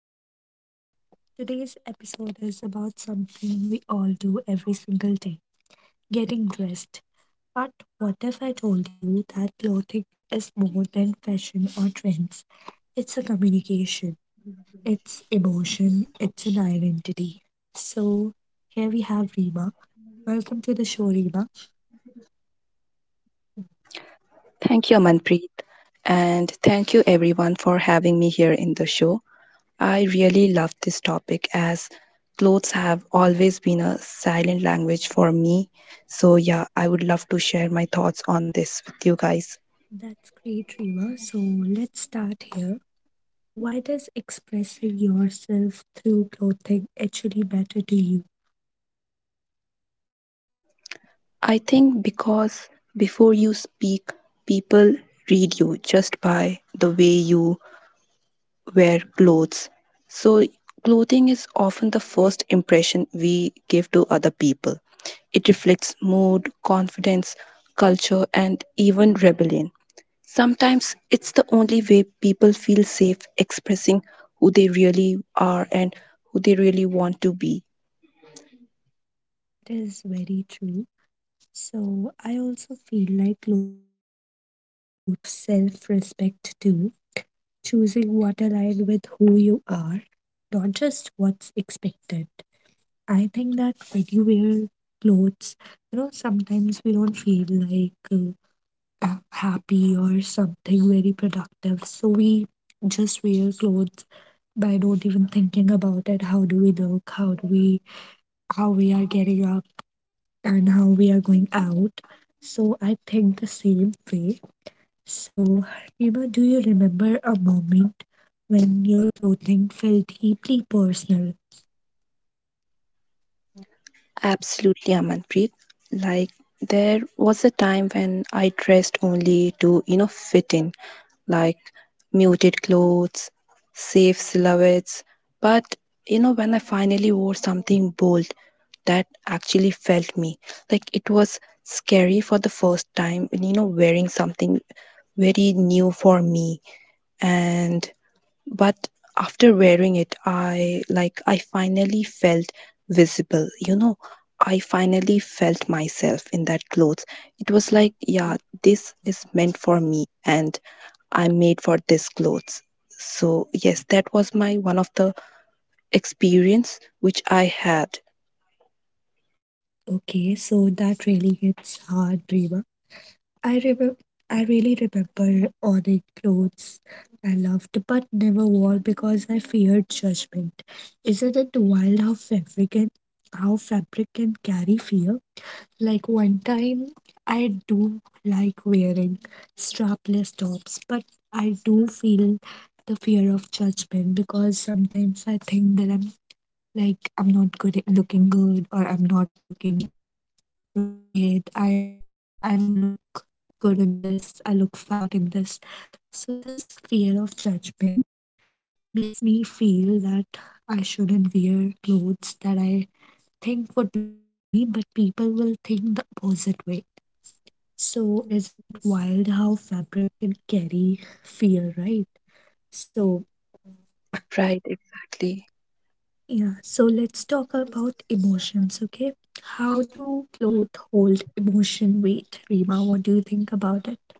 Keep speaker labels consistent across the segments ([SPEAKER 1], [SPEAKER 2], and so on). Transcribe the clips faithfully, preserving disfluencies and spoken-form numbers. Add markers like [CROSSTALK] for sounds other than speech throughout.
[SPEAKER 1] the podcast. Today's episode is about something we all do every single day, getting dressed. But what if I told you that clothing is more than fashion or trends? It's a communication, it's emotion, it's an identity. So here we have Rima. Welcome to the show, Rima.
[SPEAKER 2] Thank you, Amanpreet. And thank you, everyone, for having me here in the show. I really love this topic as clothes have always been a silent language for me. So, yeah, I would love to share my thoughts on this with you guys.
[SPEAKER 1] That's great, Rima. So let's start here. Why does expressing yourself through clothing actually matter to you?
[SPEAKER 2] I think because before you speak, people read you just by the way you wear clothes. So, clothing is often the first impression we give to other people. It reflects mood, confidence, culture, and even rebellion. Sometimes it's the only way people feel safe expressing who they really are and who they really want to be.
[SPEAKER 1] True, that is very true. So, I also feel like clothing becomes a form of self respect too, choosing what aligns with who you are, not just what's expected. I think that when you wear clothes, you know, sometimes we don't feel like uh, uh, happy or something very productive. So we just wear clothes by not even thinking about it. How do we look? How do we how we are getting up and how we are going out? So I think the same way. So Rima, do you remember a moment when your clothing felt deeply personal?
[SPEAKER 2] Absolutely, Amanpreet. Like, there was a time when I dressed only to, you know, fit in like muted clothes, safe silhouettes. But you know, when I finally wore something bold that actually felt me, like it was scary for the first time, you know, wearing something very new for me. And but after wearing it, I like I finally felt visible, you know. I finally felt myself in that clothes. It was like, yeah, this is meant for me. And I'm made for this clothes, so yes, that was my one of the experience which I had.
[SPEAKER 1] Okay, so that really hits hard, Rima. I remember I really remember owning clothes I loved but never wore because I feared judgment. Isn't it wild how fabric can How fabric can carry fear? Like one time I do like wearing strapless tops, but I do feel the fear of judgment because sometimes I think that I'm like I'm not good looking good or I'm not looking appropriate. I I don't look good in this. I look fat in this. So this fear of judgment makes me feel that I shouldn't wear clothes that I think would look good on me, but people will think the opposite way. So isn't it wild how fabric can carry fear, right? So
[SPEAKER 2] Right, exactly.
[SPEAKER 1] yeah, so let's talk about emotions, okay? How do clothes hold emotion weight? Rima, what do you think about it?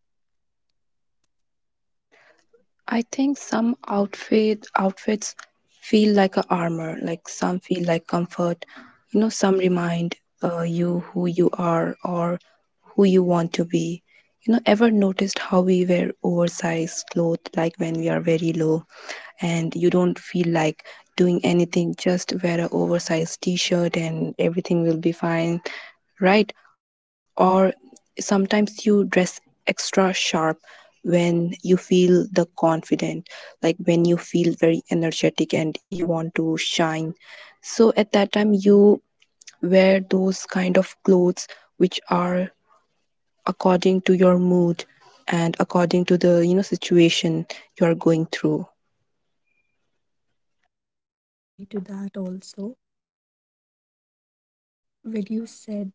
[SPEAKER 2] I think some outfit outfits feel like a armor, like some feel like comfort. You know, some remind uh, you who you are or who you want to be. You know, ever noticed how we wear oversized clothes like when we are very low and you don't feel like doing anything, just wear a oversized t-shirt and everything will be fine, right? Or sometimes you dress extra sharp when you feel the confident, like when you feel very energetic and you want to shine, so at that time you wear those kind of clothes which are according to your mood and according to the you know situation you are going through.
[SPEAKER 1] Yeah, I do agree to that also. So, like when you said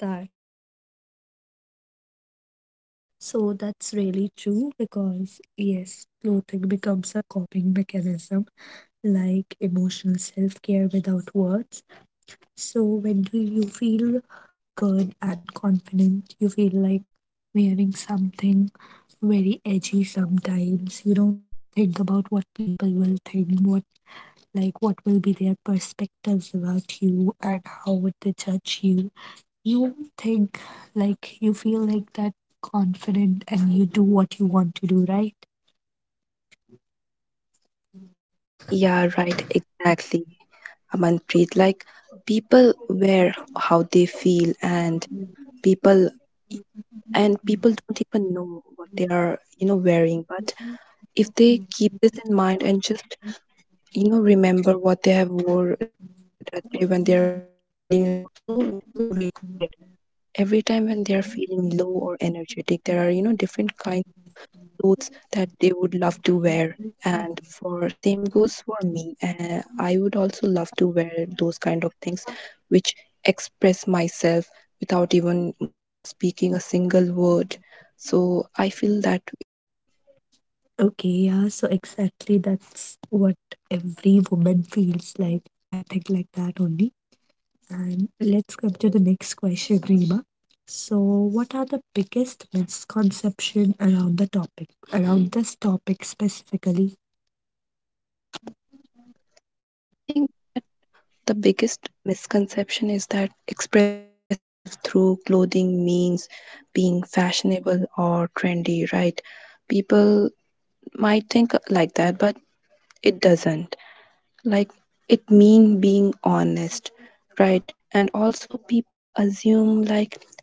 [SPEAKER 1] that some outfit feels like arm, so that's really true because yes, clothing becomes a coping mechanism, like emotional self-care without words. So when do you feel good and confident, you feel like wearing something very edgy sometimes. You don't think about what people will think, what like what will be their perspectives about you and how would they judge you? You think like you feel like that confident and you do what you want to do, right?
[SPEAKER 2] Yeah, right, exactly, I'm Manpreet. Like people wear how they feel, and people and people don't even know what they are, you know, wearing. But if they keep this in mind and just you know remember what they have wore that day when they are feeling low, so they will recall it every time when they are feeling low or energetic. There are you know different kinds
[SPEAKER 1] Mm.
[SPEAKER 2] clothes that they would love to wear, and for same goes for me. Uh, i would also love to wear those kind of things which express myself without even you know speaking a single word, so I feel that way.
[SPEAKER 1] Okay, yeah, so exactly that's what every woman feels like, I think, like that only. And let's come to the next question, Reema. So what are the biggest misconception around the topic around this topic specifically?
[SPEAKER 2] I think the biggest misconception is that expressing yourself through clothing means being fashionable or trendy, right? People might think like that, but it doesn't, like, it mean being honest, right? And also people assume like it's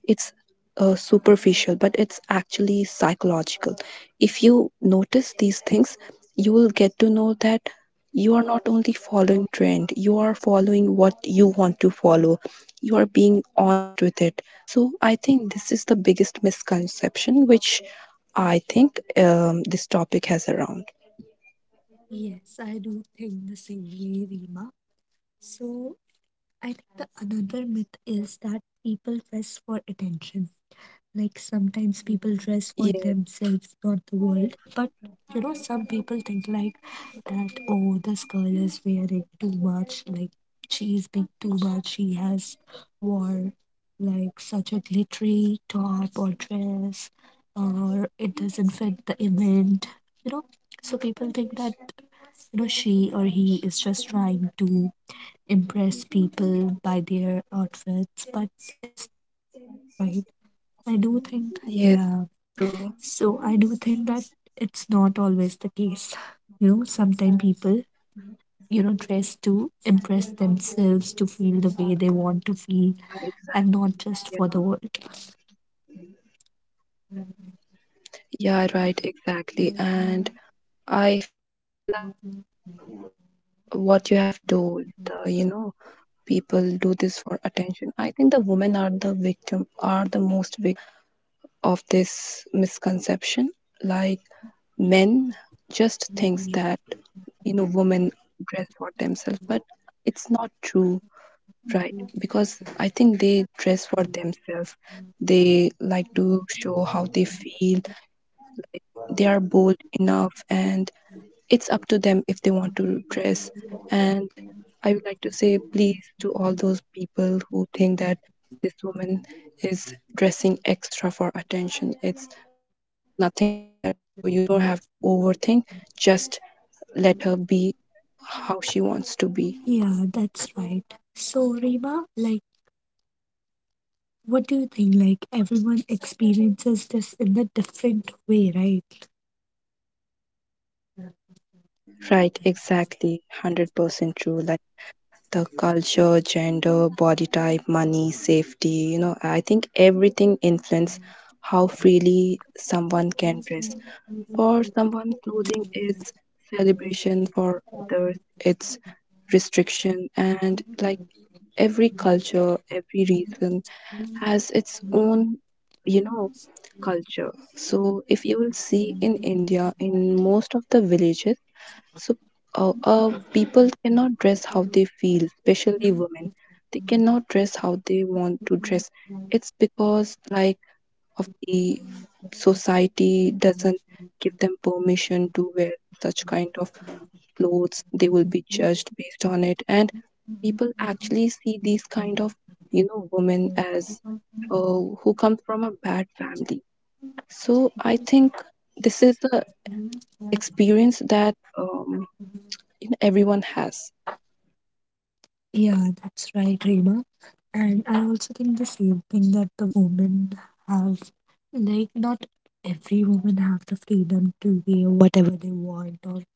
[SPEAKER 2] uh, superficial, but it's actually psychological. If you notice these things, you will get to know that you are not only following trend, you are following what you want to follow, you are being honest with it. So I think this is the biggest misconception which i think um, this topic has around.
[SPEAKER 1] Yes, I do think the same way, Reema. So I think the another myth is that people dress for attention. Like sometimes people dress for
[SPEAKER 2] Yes.
[SPEAKER 1] themselves, not the world. But you know, some people think like that, oh, this girl is wearing too much, like she is being too much, she has wore like such a glittery top or dress, or it doesn't fit the event, you know. So people think that, you know, she or he is just trying to impress people by their outfits, but it's not always right. I do think,
[SPEAKER 2] Yes,
[SPEAKER 1] yeah,
[SPEAKER 2] true.
[SPEAKER 1] so I do think that it's not always the case. You know, sometimes people, you know, dress to impress themselves, to feel the way they want to feel, and not just for the world.
[SPEAKER 2] Yeah, right, exactly. And I feel like what you have told, uh, you know, people do this for attention. I think the women are the victim, are the most victim of this misconception. Like men just thinks that, you know, women dress for themselves, but it's not true, right? Because I think they dress for themselves. They like to show how they feel. They are bold enough, and it's up to them if they want to dress. And I would like to say please to all those people who think that this woman is dressing extra for attention, it's nothing like that, so you don't have to overthink, just let her be how she wants to be.
[SPEAKER 1] Yeah, that's right. So, Rima, like, what do you think? Like, everyone experiences this in a different way, right?
[SPEAKER 2] Right, exactly, one hundred percent true. Like the culture, gender, body type, money, safety, you know, I think everything influence how freely someone can dress. For someone, clothing is celebration, for others, it's restriction. And like every culture, every region has its own, you know, culture. So if you will see in India, in most of the villages, so uh, uh, people cannot dress how they feel, especially women. They cannot dress how they want to dress. It's because like of the society doesn't give them permission to wear such kind of clothes, they will be judged based on it, and people actually see these kind of, you know, women as uh, who come from a bad family. So I think this is the experience that um, everyone has.
[SPEAKER 1] Yeah, that's right, Reema. And I also think the same thing that the women have, like not every woman have the freedom to wear whatever they want or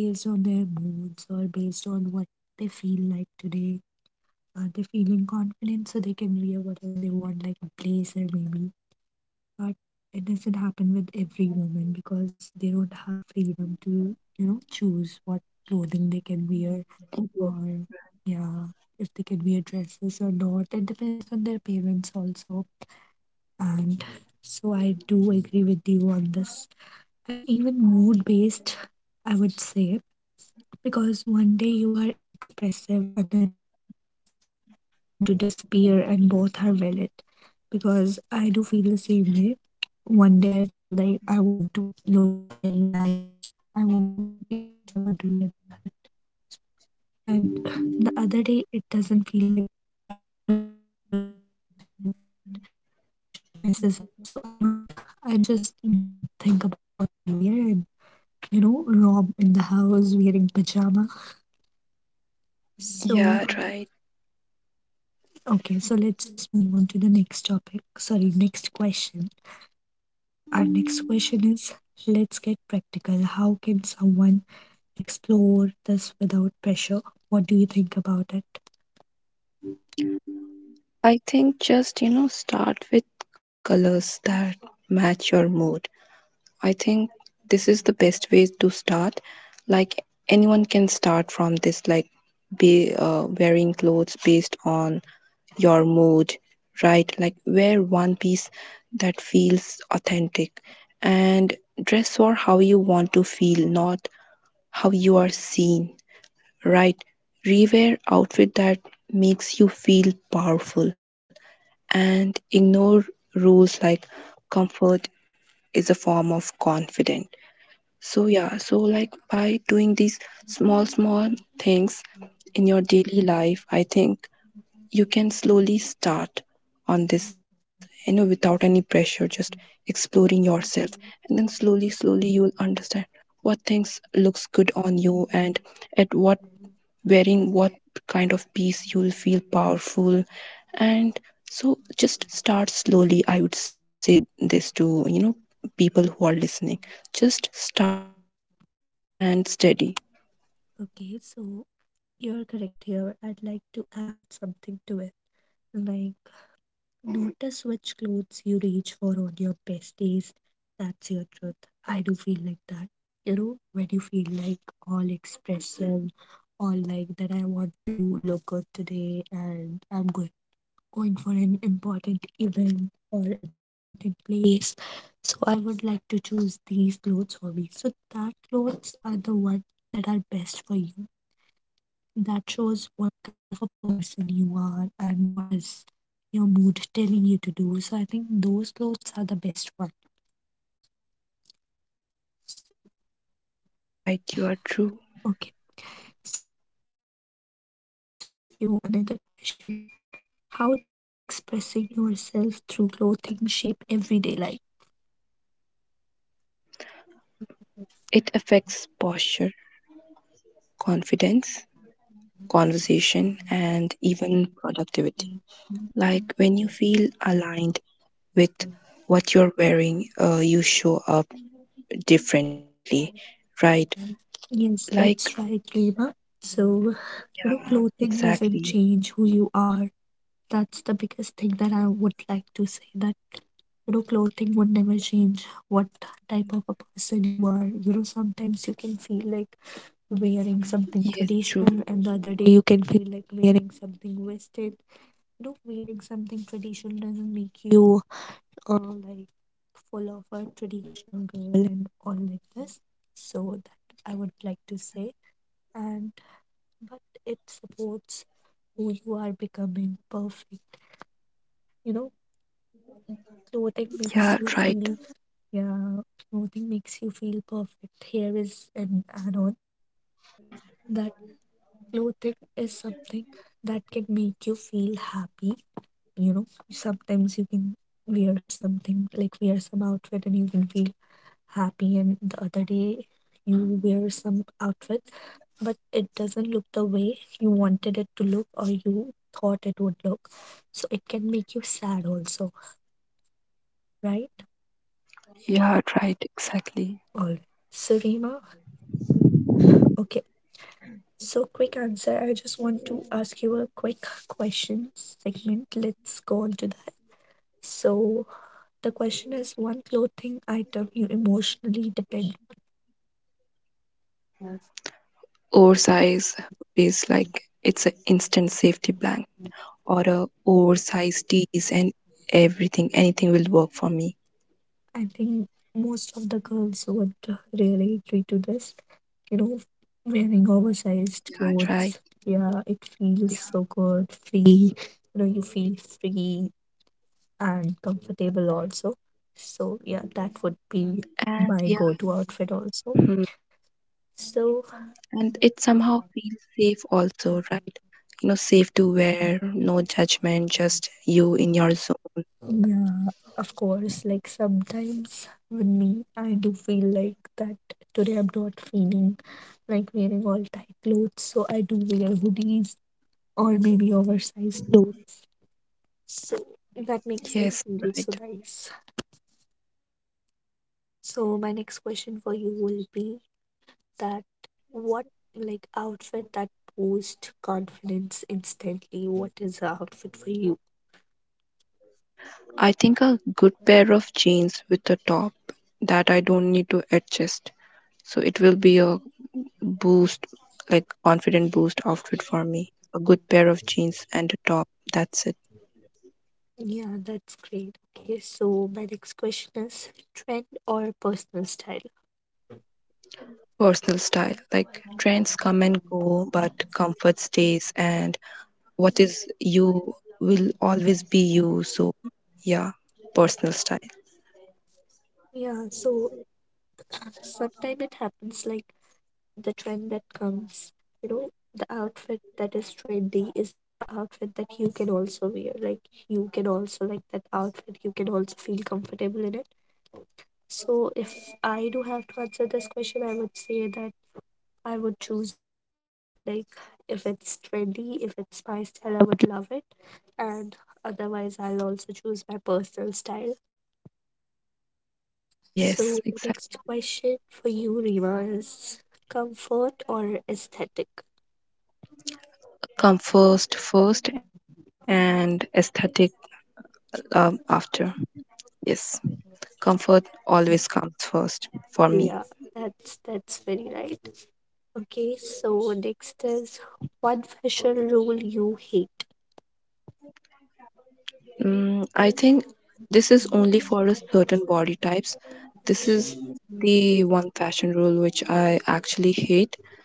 [SPEAKER 1] based on their moods or based on what they feel like today. Are they feeling confident so they can wear whatever they want, like a blazer maybe? But it doesn't happen with every woman because they don't have freedom to, you know, choose what clothing they can wear or, yeah, if they can wear dresses or not. It depends on their parents also. And so I do agree with you on this. And even mood based, I would say, because one day you are expressive, another day you just want to disappear, and both are valid because I do feel the same way. One day I feel like I want to look very nice, I want to wear this, I want to wear that, and the other day it doesn't feel like that. I don't feel like doing anything, and it just messes up. So I don't, I just don't think about what to wear. And you know, Rob in the house wearing pajama. So
[SPEAKER 2] Yeah, right.
[SPEAKER 1] okay, so let's just move on to the next topic. Sorry, next question. So, our next question is, let's get practical. How can someone explore this without pressure? What do you think about it?
[SPEAKER 2] I think just, you know, start with colors that match your mood. I think this is the best way to start. Like anyone can start from this, like be uh, wearing clothes based on your mood, right? Like wear one piece that feels authentic, and dress for how you want to feel, not how you are seen, right? Rewear outfit that makes you feel powerful, and ignore rules like comfort is a form of confidence. So yeah, so like by doing these small small things in your daily life, I think you can slowly start on this, you know, without any pressure, just exploring yourself. And then slowly, slowly you will understand what things looks good on you, and at what wearing what kind of piece you'll feel powerful. And so just start slowly. I would say this to, you know, people who are listening. Just start slow and steady.
[SPEAKER 1] Okay, so you're correct here. I'd like to add something to it. Like, notice which clothes you reach for on your best days. That's your truth. I do feel like that. You know, when you feel like all expressive, all like that I want to look good today and I'm going going for an important event or an important place. So I would like to choose these clothes for me. So that clothes are the ones that are best for you. That shows what kind of a person you are and what is your mood telling you to do. So I think those clothes are the best ones.
[SPEAKER 2] Yeah, right, you are true.
[SPEAKER 1] Okay. So Rima, let's let me ask you another question. How does expressing yourself through clothing shape everyday life?
[SPEAKER 2] It affects posture, confidence, conversation, and even productivity. Like when you feel aligned with what you're wearing, uh, you show up differently, right?
[SPEAKER 1] Yes,
[SPEAKER 2] Like,
[SPEAKER 1] that's right, Reema. So, you know,
[SPEAKER 2] yeah,
[SPEAKER 1] clothing
[SPEAKER 2] exactly.
[SPEAKER 1] doesn't change who you are. That's the biggest thing that I would like to say that, you know, clothing would never change what type of a person you are. You know, sometimes you can feel like wearing something
[SPEAKER 2] Yes, true.
[SPEAKER 1] traditional, and the other day you can feel like wearing something Western. You know, wearing something traditional doesn't make you uh, like full of a traditional girl and all like this. So, that I would like to say, and but it supports who you are becoming perfect, you know. Clothing makes you
[SPEAKER 2] Yeah,
[SPEAKER 1] feel,
[SPEAKER 2] right.
[SPEAKER 1] yeah, clothing makes you feel perfect. Here is an add-on that clothing is something that can make you feel happy. You know, sometimes you can wear something like wear some outfit and you can feel happy, and the other day you wear some outfit but it doesn't look the way you wanted it to look or you thought it would look. So it can make you sad also, right?
[SPEAKER 2] Yeah, right, exactly.
[SPEAKER 1] All right. So, Reema, okay. So, quick answer. I just want to ask you a quick question segment. Let's go on to that. So, the question is one clothing item you emotionally depend.
[SPEAKER 2] Oversize is like it's an instant safety blanket, or a oversized tees and everything, anything will work for me.
[SPEAKER 1] I think most of the girls would really agree to this. You know, wearing oversized
[SPEAKER 2] Yeah,
[SPEAKER 1] clothes.
[SPEAKER 2] right.
[SPEAKER 1] Yeah, it feels
[SPEAKER 2] Yeah.
[SPEAKER 1] so good, free. You know, you feel free and comfortable also. So, yeah, that would be my
[SPEAKER 2] And
[SPEAKER 1] go
[SPEAKER 2] yeah.
[SPEAKER 1] to outfit also.
[SPEAKER 2] Mhm.
[SPEAKER 1] So,
[SPEAKER 2] And it somehow feels safe also, right? You know, safe to wear, no judgment, just you in your zone.
[SPEAKER 1] yeah, of course, like sometimes with me, I do feel like that today I'm not feeling like wearing all tight clothes. So, I do wear hoodies or maybe oversized clothes. So that makes me
[SPEAKER 2] Yes,
[SPEAKER 1] feel so
[SPEAKER 2] right.
[SPEAKER 1] nice. So my next question for you will be that what like outfit that boosts confidence instantly? What is the outfit for you?
[SPEAKER 2] I think a good pair of jeans with a top that I don't need to adjust, so it will be a boost, like confident boost outfit for me, a good pair of jeans and a top, that's it.
[SPEAKER 1] Yeah, that's great. Okay, so my next question is trend or personal style?
[SPEAKER 2] Personal style. Like trends come and go, but comfort stays, and what is you will always be you. So, yeah, personal style.
[SPEAKER 1] Yeah, so [CLEARS THROAT] sometimes it happens like the trend that comes, you know, the outfit that is trendy is a outfit that you can also wear, like you can also like that outfit, you can also feel comfortable in it. So if I do have to answer this question, I would say that I would choose both. Like if it's trendy, if it's my style, I would love it, and otherwise I'll also choose my personal style. So
[SPEAKER 2] Yes, exactly.
[SPEAKER 1] next question for you, Rima, is comfort or aesthetic?
[SPEAKER 2] Comfort first and aesthetic um, after. Yes, comfort always comes first for me.
[SPEAKER 1] Yeah, that's that's very right. Okay, so next is one fashion rule you hate.
[SPEAKER 2] Mm, I think this is only for a certain body types. This is the one fashion rule which I actually hate.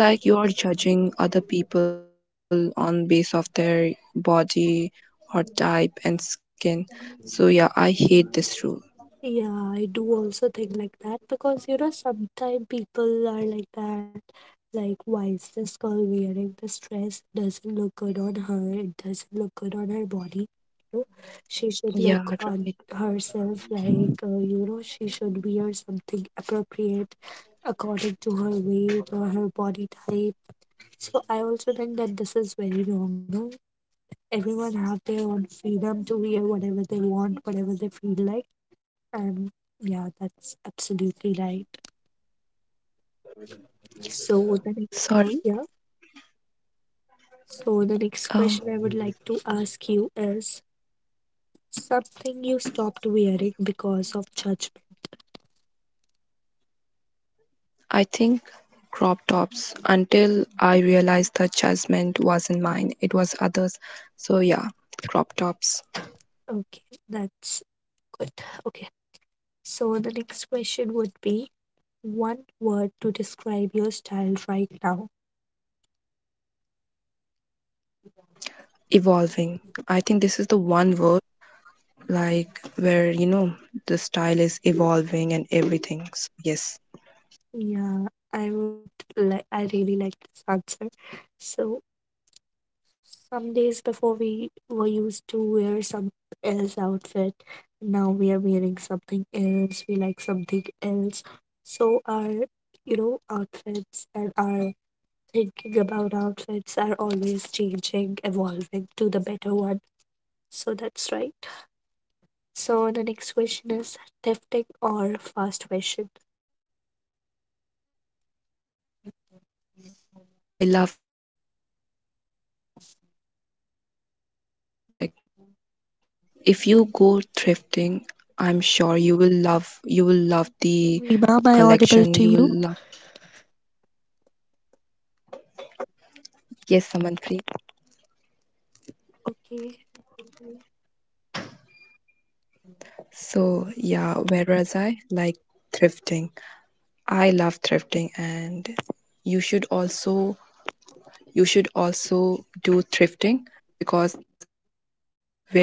[SPEAKER 2] It's like you are judging other people on base of their body or type and skin. So yeah, I hate this rule.
[SPEAKER 1] Yeah, I do also think like that because you know sometimes people are like that. Like, why is this girl wearing this dress? Doesn't look good on her. It doesn't look good on her body. You know, she should
[SPEAKER 2] Yeah,
[SPEAKER 1] look on
[SPEAKER 2] right.
[SPEAKER 1] herself. Like, uh, you know, she should wear something appropriate according to her weight or her body type. So I also think that this is very wrong, you know. Everyone have their own freedom to wear whatever they want, whatever they feel like. And yeah, that's absolutely right. So the next,
[SPEAKER 2] Sorry.
[SPEAKER 1] yeah. So the next
[SPEAKER 2] Um,
[SPEAKER 1] question I would like to ask you is something you stopped wearing because of judgment.
[SPEAKER 2] I think crop tops, until I realized the judgment wasn't mine, it was others. So yeah, crop tops.
[SPEAKER 1] Okay, that's good. Okay. So the next question would be one word to describe your style right now.
[SPEAKER 2] Evolving. I think this is the one word, like, where you know the style is evolving and everything. So, yes.
[SPEAKER 1] Yeah, I would like, I really like this answer. So, some days before we were used to wear some else outfit. Now we are wearing something else. We like something else. So, our, you know, outfits and our thinking about outfits are always changing, evolving to the better one. So, that's right. So, the next question is thrifting or fast fashion?
[SPEAKER 2] Thrifting. You know, I love thrifting, you know, over this fashion label. Like if you go thrifting, I'm sure you will love, you will love the
[SPEAKER 1] Rima, am
[SPEAKER 2] collection,
[SPEAKER 1] I
[SPEAKER 2] you will
[SPEAKER 1] audible
[SPEAKER 2] love.
[SPEAKER 1] to you?
[SPEAKER 2] Yes, someone free.
[SPEAKER 1] Okay.
[SPEAKER 2] So yeah, whereas I like thrifting, I love thrifting. And you should also, you should also do thrifting because it's very great.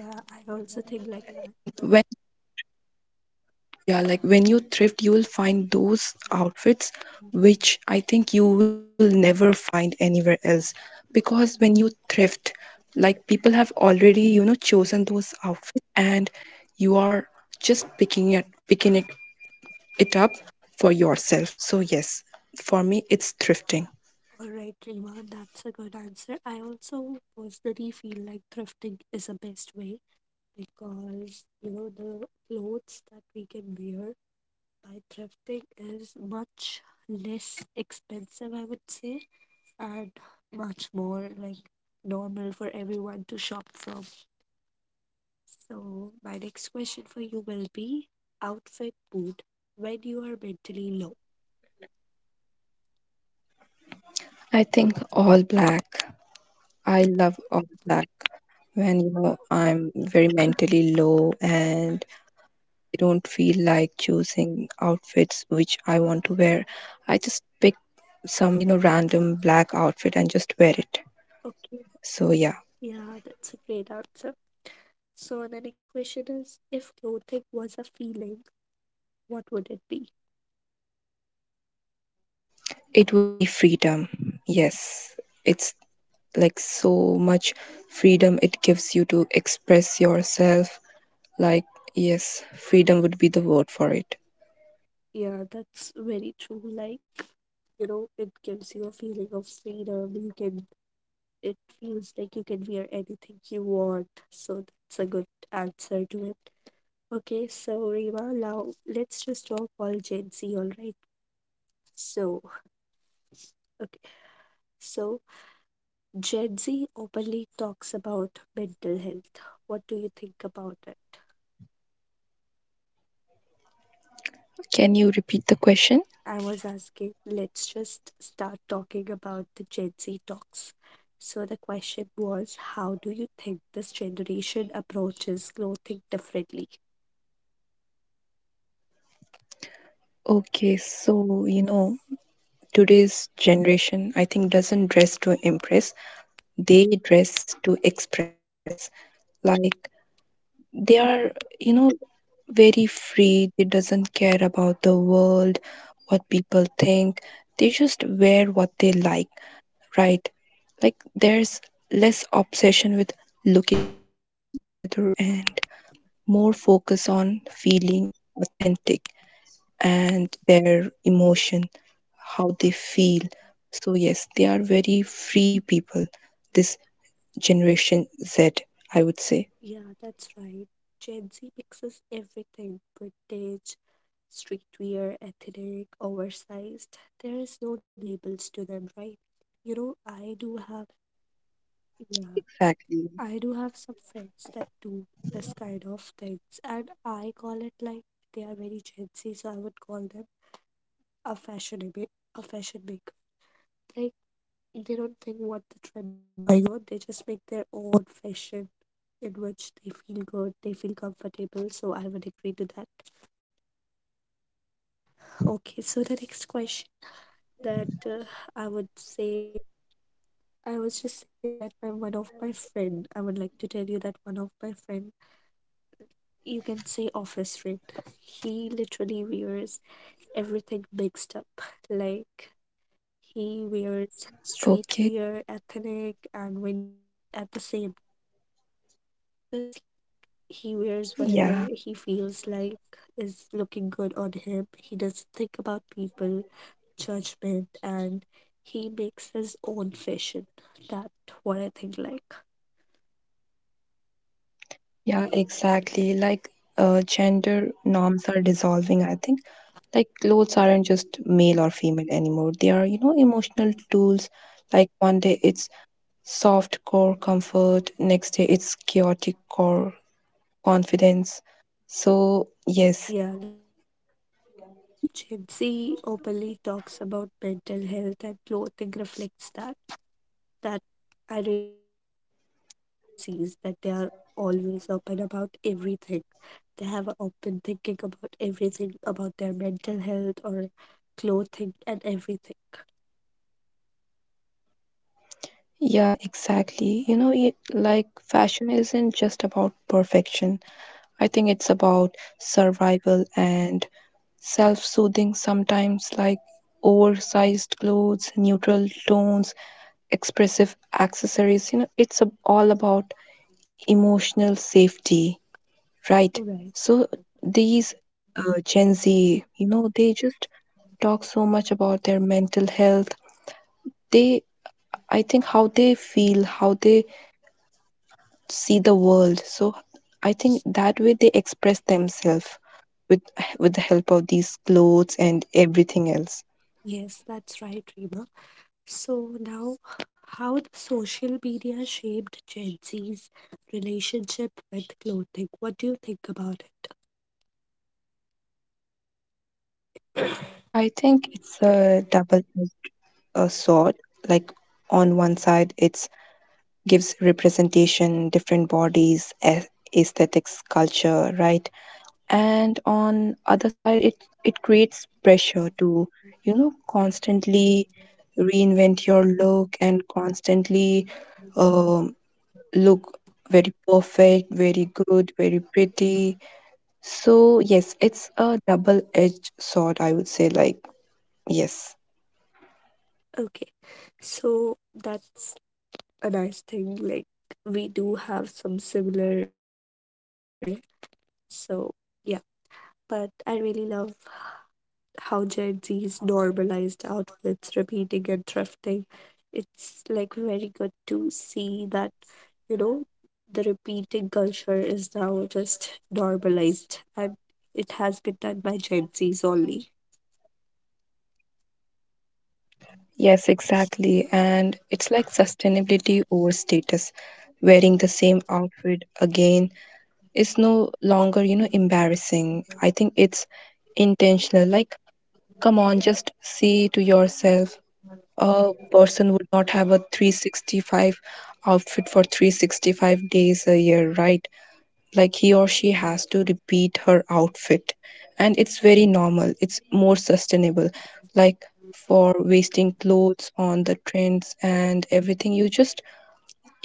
[SPEAKER 1] Yeah, I also think like that.
[SPEAKER 2] When yeah, like when you thrift, you will find those outfits which I think you will never find anywhere else. Because when you thrift, like people have already, you know, chosen those outfits, and you are just picking it picking it, it up for yourself. So yes, for me it's thrifting.
[SPEAKER 1] All right, Rima, that's a good answer. I also personally feel like thrifting is the best way because, you know, the clothes that we can wear by thrifting is much less expensive, I would say, and much more like normal for everyone to shop from. So, my next question for you will be outfit mood when you are mentally low.
[SPEAKER 2] I think all black. I love all black when, you know, I'm very mentally low and I don't feel like choosing outfits which I want to wear. I just pick some, you know, random black outfit and just wear it.
[SPEAKER 1] Okay,
[SPEAKER 2] So yeah,
[SPEAKER 1] yeah, that's a great answer. So the next question is, if clothing was a feeling, what would it be?
[SPEAKER 2] it would be freedom. Yes, it's like so much freedom it gives you to express yourself. Like, yes, freedom would be the word for it.
[SPEAKER 1] Yeah, that's very true. Like, you know, it gives you a feeling of freedom. You can, it feels like you can wear anything you want. So that's a good answer to it. Okay, so Rima, now let's just talk all Gen Z, all right? So, okay, so Gen Z openly talks about mental health. What do you think about it?
[SPEAKER 2] Can you repeat the question?
[SPEAKER 1] I was asking, let's just start talking about the Gen Z talks. So the question was, how do you think this generation approaches clothing differently?
[SPEAKER 2] Okay, so you know, today's generation, I think, doesn't dress to impress, they dress to express. Like they are, you know, very free, they doesn't care about the world, what people think, they just wear what they like, right? Like there's less obsession with looking put together, and more focus on feeling authentic and their emotion, how they feel. So yes, they are very free people, this generation Z, I would say.
[SPEAKER 1] Yeah, that's right. Gen Z mixes everything: vintage, streetwear, ethnic, oversized. There is no labels to them, right? You know, I do have, yeah.
[SPEAKER 2] Exactly.
[SPEAKER 1] I do have some friends that do this kind of things, and I call it like they are very Gen Z, so I would call them a fashion, a fashion maker. Like, they don't think what the trend is going on; they just make their own fashion in which they feel good, they feel comfortable. So I would agree to that. Okay, so the next question that uh, I would say, I was just saying that my one of my friend, I would like to tell you that one of my friend you can say office red. He literally wears everything mixed up. Like, he wears
[SPEAKER 2] Okay.
[SPEAKER 1] streetwear, ethnic, and vintage at the same time. So it's just like he wears whatever
[SPEAKER 2] Yeah.
[SPEAKER 1] he feels like is looking good on him. He doesn't think about people, judgment, and he makes his own fashion. That's what I think like.
[SPEAKER 2] Yeah, exactly. Like uh, gender norms are dissolving, I think. Like clothes aren't just male or female anymore. They are, you know, emotional tools. Like one day it's soft core comfort, next day it's chaotic core confidence. So, yes,
[SPEAKER 1] Yeah, that's right. Also, Gen Z openly talks about mental health, and clothing reflects that. That, I really like that thing about Gen Zs, that they are always open about everything. They have an open thinking about everything, about their mental health or clothing and everything.
[SPEAKER 2] yeah, exactly. You know, it, like fashion isn't just about perfection. I think it's about survival and self soothing sometimes, like oversized clothes, neutral tones, expressive accessories. You know, it's ab- all about emotional safety, right?
[SPEAKER 1] Right.
[SPEAKER 2] So these uh, Gen Z, you know, they just talk so much about their mental health. They, I think, how they feel, how they see the world. So I think that way they express themselves with with the help of these clothes and everything else.
[SPEAKER 1] Yes, that's right, Rima. So now, how the social media shaped Gen Z's relationship with clothing? What do you think about it?
[SPEAKER 2] I think it's a double a sword. Like on one side, it's gives representation, different bodies, aes- aesthetics, culture, right? And on other side, it it creates pressure to, you know, constantly reinvent your look and constantly um, look very perfect, very good, very pretty. So, yes, it's a double edged sword, I would say. Like, yes.
[SPEAKER 1] Okay, so that's a nice thing. Like, we do have some similar thinking, I would say. So, yeah, but I really love how Gen Z's normalized outfits, repeating and thrifting. It's like very good to see that, you know, the repeating culture is now just normalized and it has been done by Gen Z's only.
[SPEAKER 2] Yes, exactly. And it's like sustainability over status. Wearing the same outfit again is no longer, you know, embarrassing. I think it's intentional. Like, come on, just see to yourself. A person would not have a three hundred sixty-five outfit for three hundred sixty-five days a year, right? Like he or she has to repeat her outfit, and it's very normal, it's more sustainable. Like for wasting clothes on the trends and everything, you just,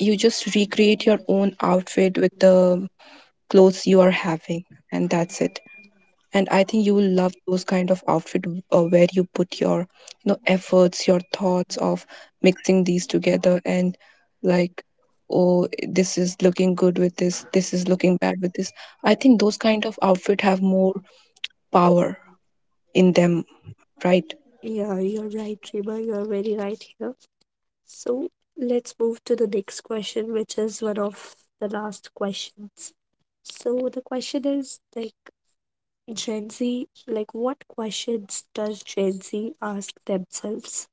[SPEAKER 2] you just recreate your own outfit with the clothes you are having, and that's it. And I think you will love those kind of outfit, uh, where you put your, you know, efforts, your thoughts of mixing these together, and like, oh, this is looking good with this, this is looking bad with this. I think those kind of outfit have more power in them. Right.
[SPEAKER 1] Yeah, you're right, Rima. You're very right here. So let's move to the next question, which is one of the last questions. So the question is like Gen Z, like, what questions does Gen Z ask themselves?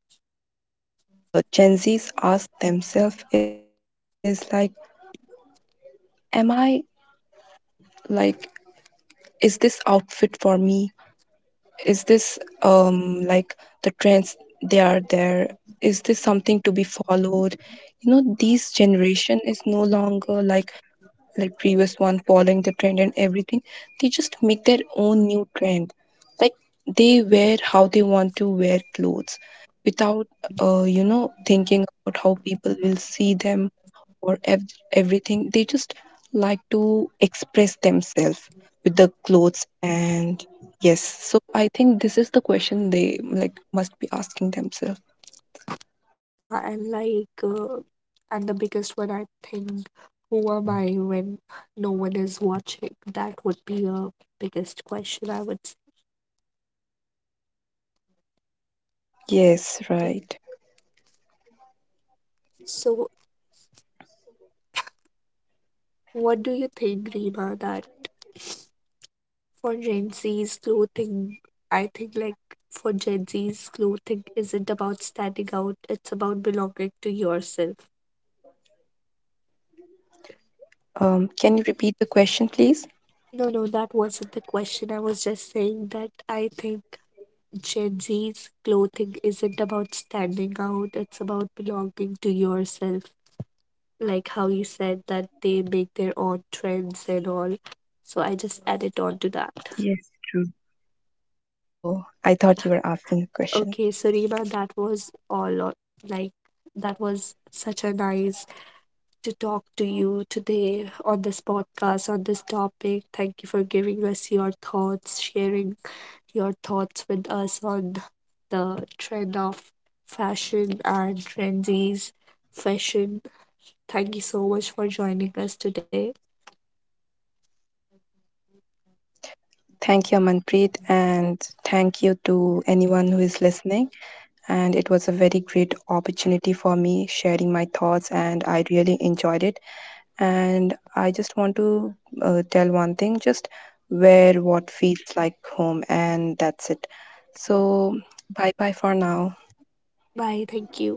[SPEAKER 2] I think the question which uh, Gen Z's ask themselves is like, am I, like, is this outfit for me, is this um like the trends they are there, is this something to be followed? You know, these generation is no longer like like previous one, following the trend and everything. They just make their own new trend. Like they wear how they want to wear clothes without, uh, you know thinking about how people will see them, or ev- everything. They just like to express themselves with the clothes, and yes. So I think this is the question they like must be asking themselves.
[SPEAKER 1] Yeah, and like, uh, and the biggest one I think, who am I when no one is watching? That would be a biggest question I would
[SPEAKER 2] Yes, right.
[SPEAKER 1] say. So what do you think, Rima? That For Gen Z's clothing, I think like for Gen Z's clothing isn't about standing out, it's about belonging to yourself.
[SPEAKER 2] Um, can you repeat the question, please?
[SPEAKER 1] No, no, that wasn't the question. I was just saying that I think Gen Z's clothing isn't about standing out, it's about belonging to yourself. Like how you said that they make their own trends and all. So I just added on to that.
[SPEAKER 2] Yes, true. Oh, I thought you were asking a question.
[SPEAKER 1] Okay, so Rima, that was all. on- Like, that was such a nice to talk to you today on this podcast on this topic. Thank you for giving us your thoughts, sharing your thoughts with us on the trend of fashion and trendies fashion. Thank you so much for joining us today.
[SPEAKER 2] Thank you, Amanpreet, and thank you to anyone who is listening. And it was a very great opportunity for me sharing my thoughts, and I really enjoyed it. And I just want to uh, tell one thing, just wear what feels like home, and that's it. So, bye bye for now.
[SPEAKER 1] Bye. Thank you.